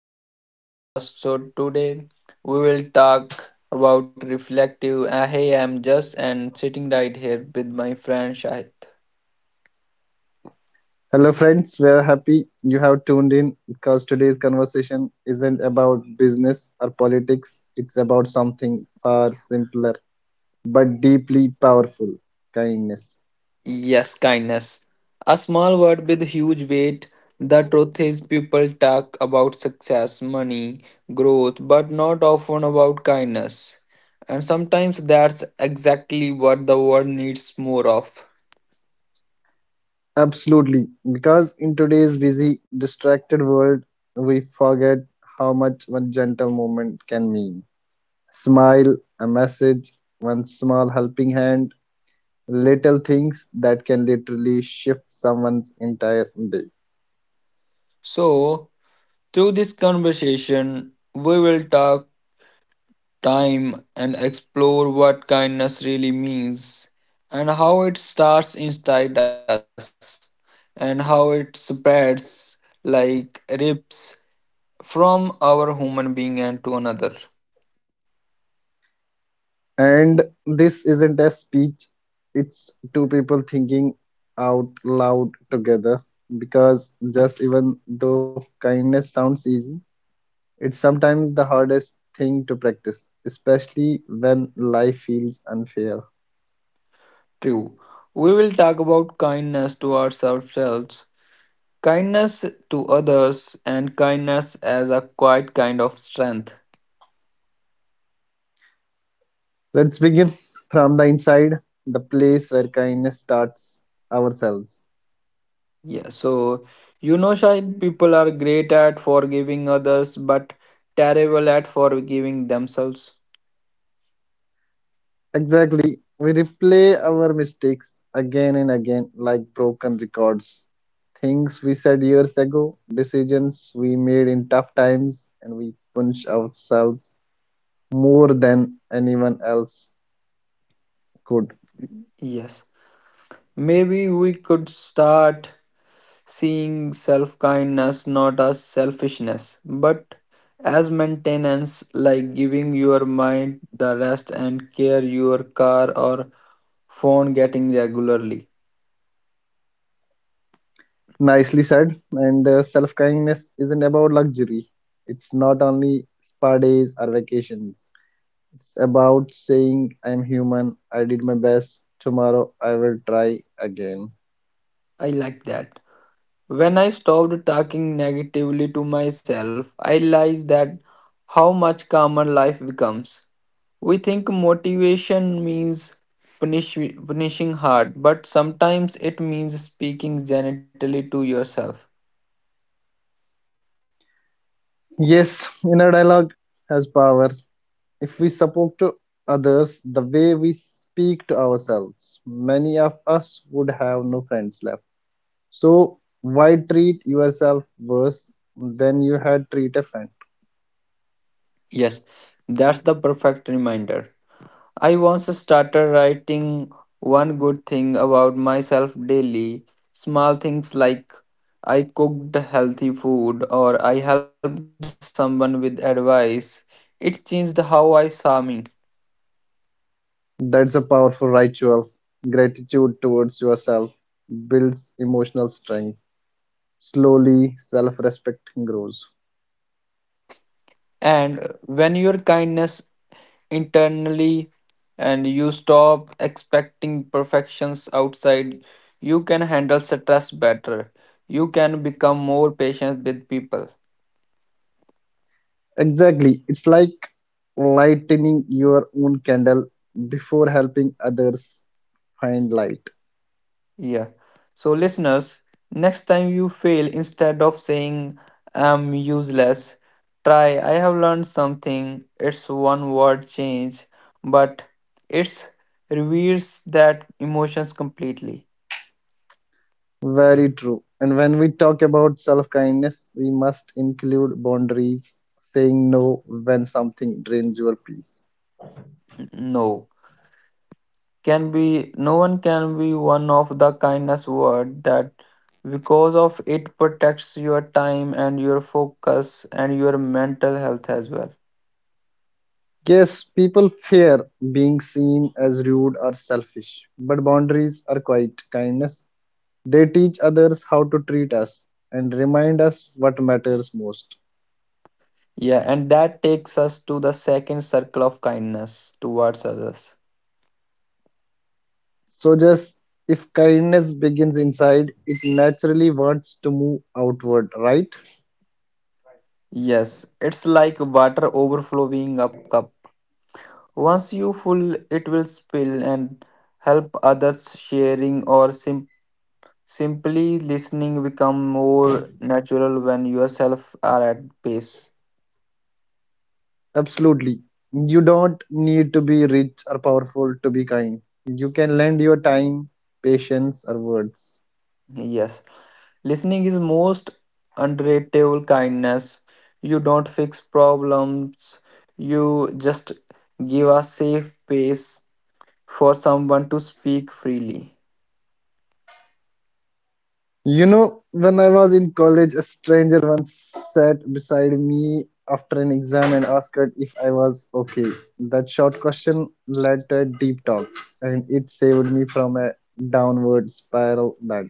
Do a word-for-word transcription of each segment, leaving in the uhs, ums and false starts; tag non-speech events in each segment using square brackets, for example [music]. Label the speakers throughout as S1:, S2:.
S1: long podcast. So, today we will talk about reflective. Uh, hey, I'm just and sitting right here with my friend Shahid.
S2: friends. We are happy you have tuned in because today's conversation isn't about business or politics. It's about something far simpler but deeply powerful kindness.
S1: Yes, kindness. A small word with huge weight. The truth is, people talk about success, money, growth, but not often about kindness. And sometimes that's exactly what the world needs more of.
S2: Absolutely. Because in today's busy, distracted world, we forget how much one gentle moment can mean. Smile, a message, one small helping hand, little things that can literally shift someone's entire day.
S1: So, through this conversation, we will talk time and explore what kindness really means and how it starts inside us and how it spreads like rips from our human being and to another.
S2: And this isn't a speech, it's two people thinking out loud together. Because just even though kindness sounds easy, it's sometimes the hardest thing to practice, especially when life feels unfair.
S1: True. We will talk about kindness towards ourselves, kindness to others, and kindness as a quiet kind of strength.
S2: Let's begin from the inside, the place where kindness starts ourselves.
S1: Yeah, so you know, Shahid, people are great at forgiving others, but terrible at forgiving themselves.
S2: Exactly. We replay our mistakes again and again like broken records. Things we said years ago, decisions we made in tough times, and we punch ourselves more than anyone else could.
S1: Yes. Maybe we could start seeing self kindness not as selfishness, but as maintenance, like giving your mind the rest and care your car or phone getting regularly.
S2: Nicely said. And uh, self kindness isn't about luxury, it's not only spa days or vacations. It's about saying, I am human, I did my best, tomorrow I will try again.
S1: I like that. When I stopped talking negatively to myself, I realized that how much calmer life becomes. We think motivation means punish, punishing hard, but sometimes it means speaking gently to yourself.
S2: Yes, inner dialogue has power. If we spoke to others the way we speak to ourselves, many of us would have no friends left. So, why treat yourself worse than you had treated a friend?
S1: Yes, that's the perfect reminder. I once started writing one good thing about myself daily. Small things like I cooked healthy food or I helped someone with advice. It changed how I saw me.
S2: That's a powerful ritual. Gratitude towards yourself builds emotional strength. Slowly, self respect grows.
S1: And when your kindness internally and you stop expecting perfections outside, you can handle stress better. You can become more patient with people.
S2: Exactly. It's like lightening your own candle before helping others find light.
S1: Yeah. So, listeners, next time you fail, instead of saying I'm useless, try I have learned something. It's one word change, but it's reveals that emotions completely.
S2: Very true. And when we talk about self kindness, we must include boundaries, saying no when something drains your peace.
S1: No. Can be no one can be one of the kindness word that because of it protects your time and your focus and your mental health as well.
S2: Yes, people fear being seen as rude or selfish, but boundaries are quite kindness. They teach others how to treat us and remind us what matters most.
S1: Yeah, and that takes us to the second circle of kindness towards others.
S2: So, just if kindness begins inside, it naturally wants to move outward, right?
S1: Yes, it's like water overflowing up cup. Once you full, it will spill and help others sharing or sim- simply listening become more natural when yourself are at peace.
S2: Absolutely. You don't need to be rich or powerful to be kind. You can lend your time, patience, or words.
S1: Yes, listening is most underrated kindness. You don't fix problems. You just give a safe pace for someone to speak freely.
S2: You know, when I was in college, a stranger once sat beside me after an exam and asked if I was okay. That short question led to a deep talk, and it saved me from a downward spiral that.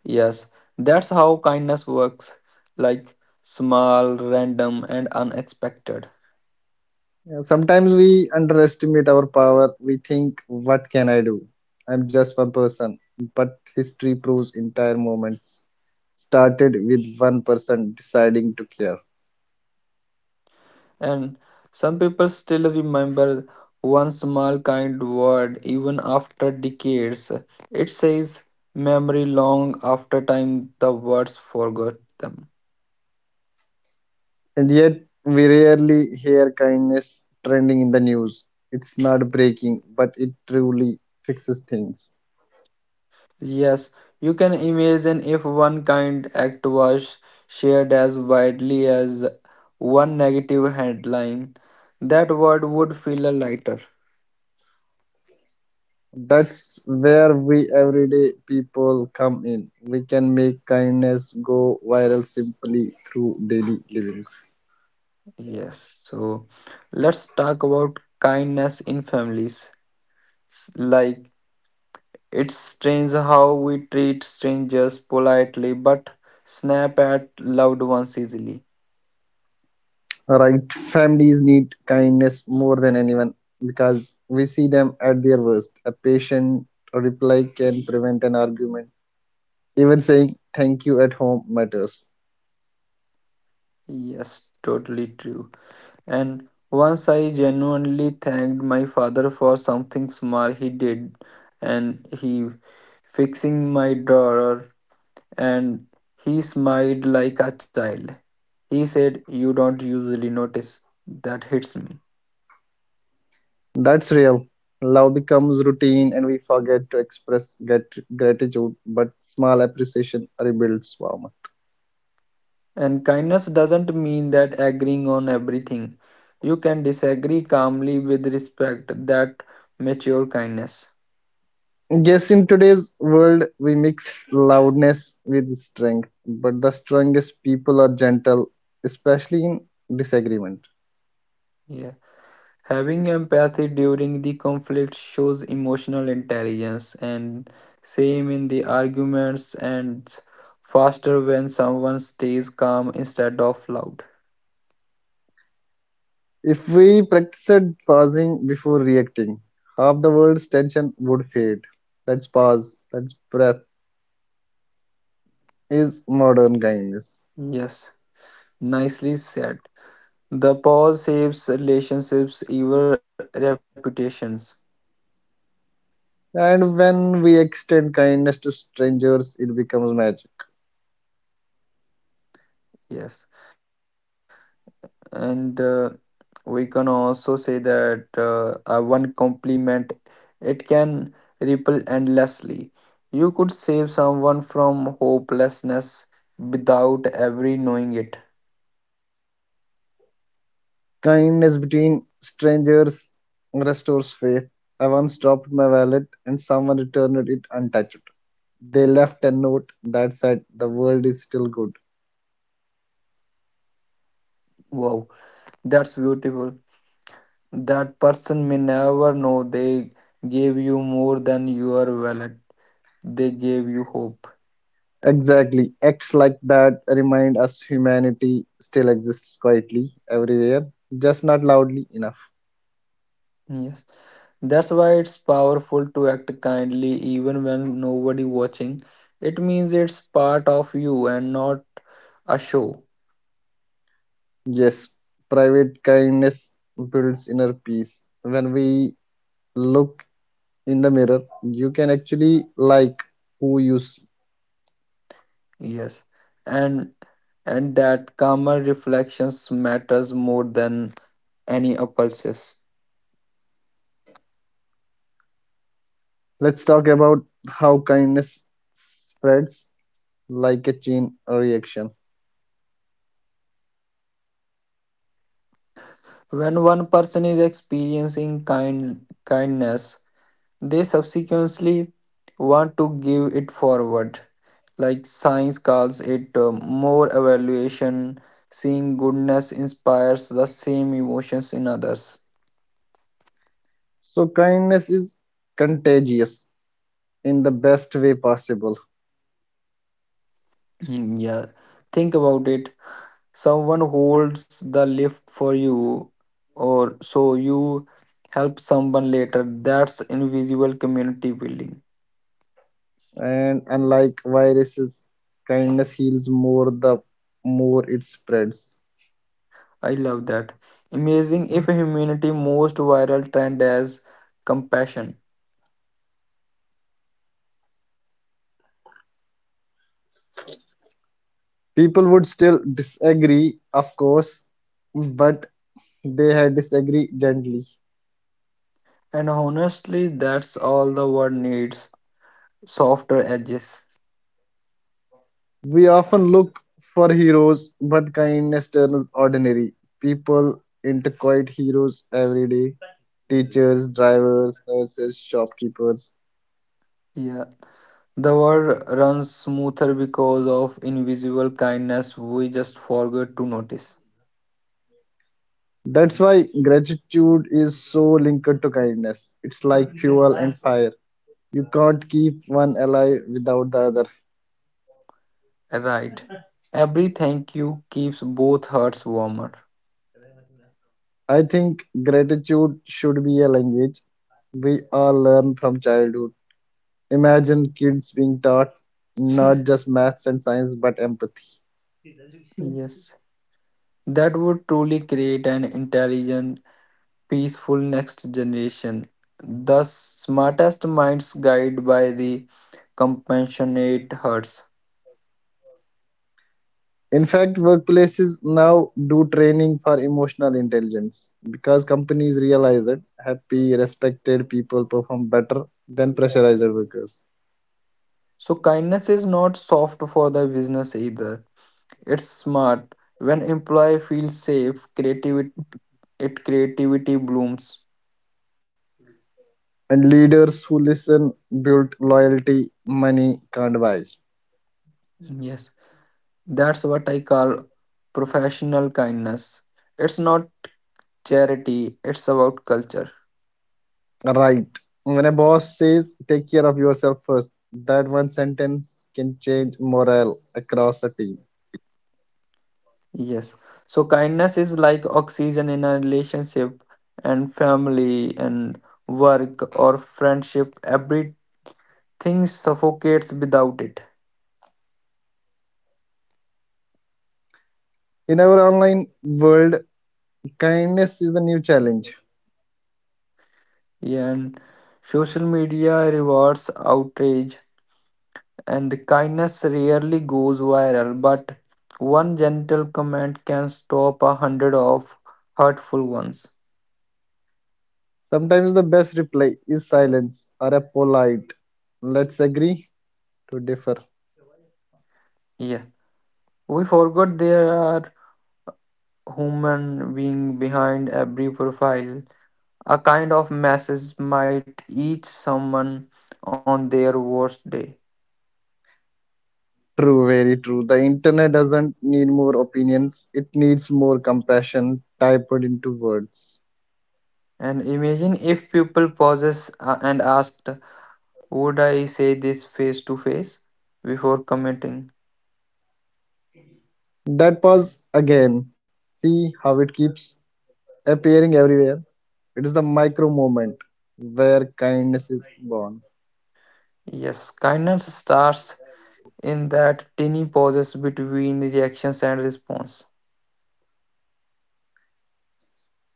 S1: Yes, that's how kindness works like small, random, and unexpected.
S2: Yeah, sometimes we underestimate our power. We think, what can I do? I'm just one person. But history proves entire movements started with one person deciding to care.
S1: And some people still remember one small kind word even after decades. It says memory long after time the words forgot them.
S2: And yet, we rarely hear kindness trending in the news. It's not breaking, but it truly fixes things.
S1: Yes, you can imagine if one kind act was shared as widely as one negative headline, that word would feel a lighter.
S2: That's where we everyday people come in. We can make kindness go viral simply through daily livings.
S1: Yes, so let's talk about kindness in families. S- Like, it's strange how we treat strangers politely but snap at loved ones easily.
S2: Right, families need kindness more than anyone because we see them at their worst. A patient reply can prevent an argument, even saying thank you at home matters.
S1: Yes, totally true. And once I genuinely thanked my father for something small he did, and he fixing my drawer, and he smiled like a child. He said, "You don't usually notice." That hits me.
S2: That's real. Love becomes routine and we forget to express grat- gratitude, but small appreciation rebuilds warmth.
S1: And kindness doesn't mean that agreeing on everything. You can disagree calmly with respect. That mature kindness.
S2: Yes, in today's world we mix loudness with strength, but the strongest people are gentle, especially in disagreement.
S1: Yeah. Having empathy during the conflict shows emotional intelligence, and same in the arguments and faster when someone stays calm instead of loud.
S2: If we practiced pausing before reacting, half the world's tension would fade. That's pause, that's breath, is modern kindness.
S1: Yes, nicely said. The pause saves relationships, even reputations.
S2: And when we extend kindness to strangers, it becomes magic.
S1: Yes, and uh, we can also say that uh, uh, one compliment it can ripple endlessly. You could save someone from hopelessness without every knowing it.
S2: Kindness between strangers restores faith. I once dropped my wallet and someone returned it untouched. They left a note that said, "The world is still good."
S1: Wow, that's beautiful. That person may never know they gave you more than your wallet. They gave you hope.
S2: Exactly. Acts like that remind us humanity still exists quietly everywhere, just not loudly enough.
S1: Yes, that's why it's powerful to act kindly even when nobody watching. It means it's part of you and not a show.
S2: Yes, private kindness builds inner peace. When we look in the mirror, you can actually like who you see.
S1: Yes, and and that calmer reflections matters more than any impulses.
S2: Let's talk about how kindness spreads like a chain reaction.
S1: When one person is experiencing kind kindness, they subsequently want to give it forward. Like science calls it uh, more evaluation, seeing goodness inspires the same emotions in others.
S2: So, kindness is contagious in the best way possible.
S1: Hmm, yeah, think about it. Someone holds the lift for you, or so you help someone later. That's invisible community building.
S2: And unlike viruses, kindness heals more the more it spreads.
S1: I love that. Amazing if humanity most viral trend as compassion.
S2: People would still disagree of course, but they had disagree gently.
S1: And honestly, that's all the world needs softer edges.
S2: We often look for heroes, but kindness turns ordinary people into quiet heroes every day: teachers, drivers, nurses, shopkeepers.
S1: Yeah. The world runs smoother because of invisible kindness we just forget to notice.
S2: That's why gratitude is so linked to kindness. It's like fuel and fire. You can't keep one alive without the other.
S1: Right. Every thank you keeps both hearts warmer.
S2: I think gratitude should be a language we all learn from childhood. Imagine kids being taught not [laughs] just maths and science but empathy.
S1: Yes. That would truly create an intelligent, peaceful next generation. The smartest minds guided by the compassionate hearts.
S2: In fact, workplaces now do training for emotional intelligence because companies realize that happy, respected people perform better than pressurized workers.
S1: So kindness is not soft for the business either. It's smart. When employee feels safe, creativity it creativity blooms.
S2: And leaders who listen build loyalty money can't buy.
S1: Yes. That's what I call professional kindness. It's not charity, it's about culture.
S2: Right. When a boss says, take care of yourself first, that one sentence can change morale across a team.
S1: Yes. So kindness is like oxygen in a relationship and family and work or friendship. Everything suffocates without it.
S2: In our online world, kindness is the new challenge.
S1: Yeah, and social media rewards outrage and kindness rarely goes viral, but one gentle comment can stop a hundred of hurtful ones.
S2: Sometimes the best reply is silence or a polite, let's agree to differ.
S1: Yeah. We forgot there are human being behind every profile. A kind of message might each someone on their worst day.
S2: True, very true. The internet doesn't need more opinions, it needs more compassion typed into words.
S1: And imagine if people pauses uh, and asked, "Would I say this face to face?" before commenting.
S2: That pause again. See how it keeps appearing everywhere. It is the micro moment where kindness is born.
S1: Yes, kindness starts in that tiny pauses between reactions and response.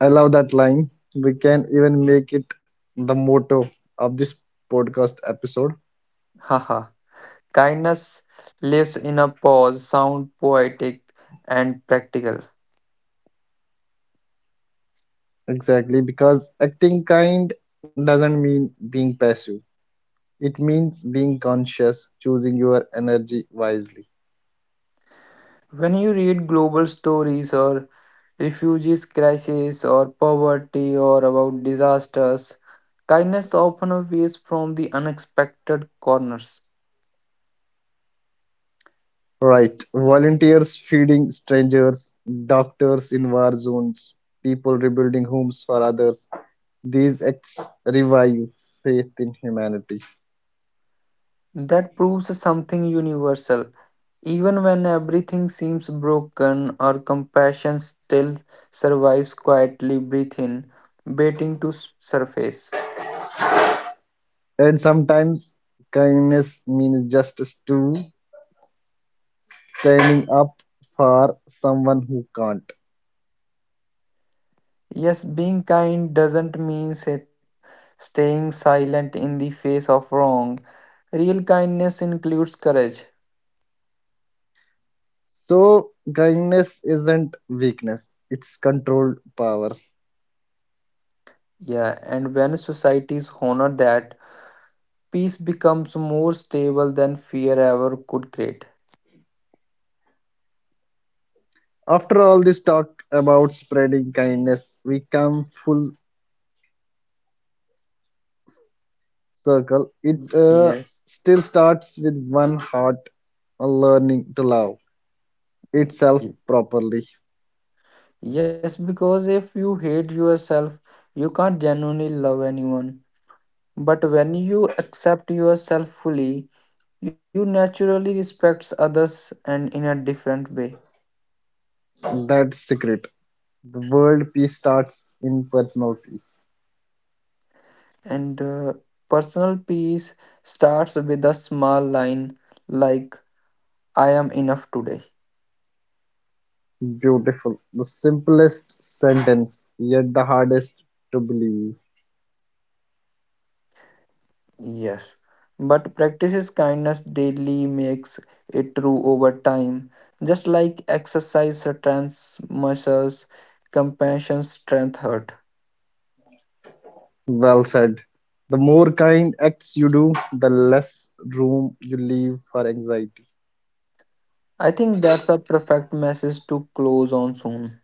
S2: I love that line. We can even make it the motto of this podcast episode.
S1: Haha. Kindness lives in a pause, sound poetic and practical.
S2: Exactly, because acting kind doesn't mean being passive. It means being conscious, choosing your energy wisely.
S1: When you read global stories or refugees crisis or poverty or about disasters, kindness often appears from the unexpected corners.
S2: Right. Volunteers feeding strangers, doctors in war zones, people rebuilding homes for others. These acts revive faith in humanity.
S1: That proves something universal. Even when everything seems broken, our compassion still survives quietly, breathe in, waiting to s- surface.
S2: And sometimes kindness means justice too, standing up for someone who can't.
S1: Yes, being kind doesn't mean sa- staying silent in the face of wrong. Real kindness includes courage.
S2: So kindness isn't weakness, it's controlled power.
S1: Yeah, and when societies honor that, peace becomes more stable than fear ever could create.
S2: After all this talk about spreading kindness, we come full circle. It uh,
S1: Yes.
S2: still starts with one heart a learning to love itself properly.
S1: Yes, because if you hate yourself, you can't genuinely love anyone. But when you accept yourself fully, you naturally respect others and in a different way.
S2: That's secret. The world peace starts in personal peace.
S1: And uh, personal peace starts with a small line like I am enough today.
S2: Beautiful. The simplest sentence, yet the hardest to believe.
S1: Yes. But practices kindness daily makes it true over time. Just like exercise strengthens muscles, compassion strength hurt.
S2: Well said. The more kind acts you do, the less room you leave for anxiety.
S1: I think that's a perfect message to close on soon.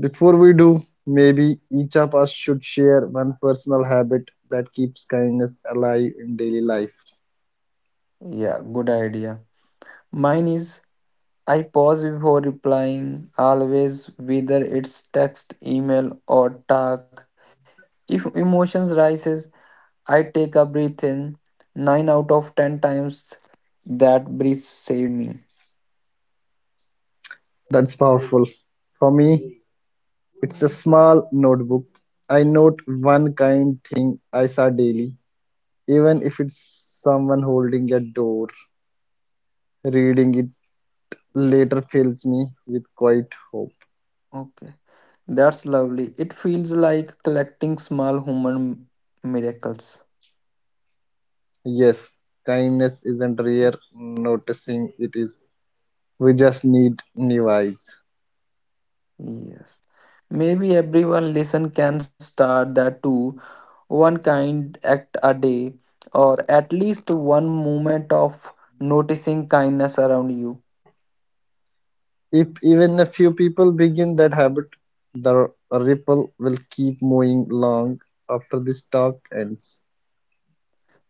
S2: Before we do, maybe each of us should share one personal habit that keeps kindness alive in daily life.
S1: Yeah, good idea. Mine is I pause before replying, always, whether it's text, email, or talk. If emotions rises, I take a breath in. Nine out of ten times that breath saved me.
S2: That's powerful. For me, it's a small notebook. I note one kind thing I saw daily, even if it's someone holding a door. Reading it later fills me with quite hope.
S1: Okay, that's lovely. It feels like collecting small human miracles.
S2: Yes, kindness isn't rare, noticing it is. We just need new eyes.
S1: Yes. Maybe everyone listen can start that too. One kind act a day, or at least one moment of noticing kindness around you.
S2: If even a few people begin that habit, the ripple will keep moving long after this talk ends.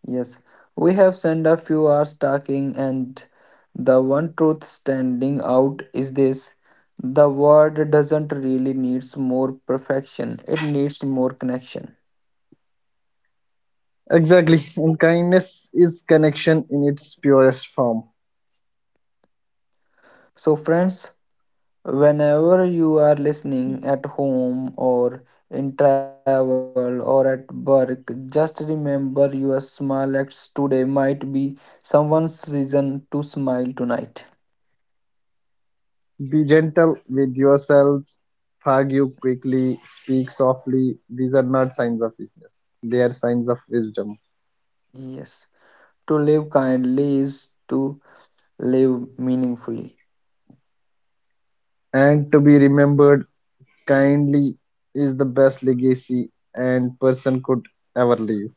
S1: Yes. We have spent a few hours talking, and the one truth standing out is this: the world doesn't really needs more perfection, it needs more connection.
S2: Exactly, and kindness is connection in its purest form.
S1: So, friends, whenever you are listening at home or in travel or at work, just remember your small acts today might be someone's reason to smile tonight.
S2: Be gentle with yourselves. Forgive quickly. Speak softly. These are not signs of weakness. They are signs of wisdom.
S1: Yes, to live kindly is to live meaningfully.
S2: And to be remembered kindly is the best legacy and person could ever leave.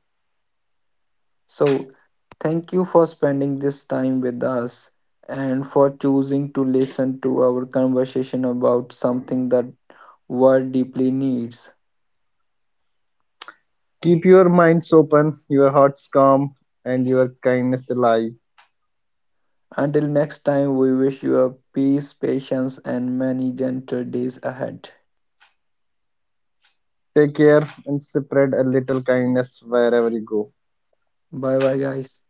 S1: So, thank you for spending this time with us and for choosing to listen to our conversation about something that world deeply needs.
S2: Keep your minds open, your hearts calm, and your kindness alive.
S1: Until next time, we wish you a peace, patience, and many gentle days ahead.
S2: Take care and spread a little kindness wherever you go.
S1: Bye bye, guys.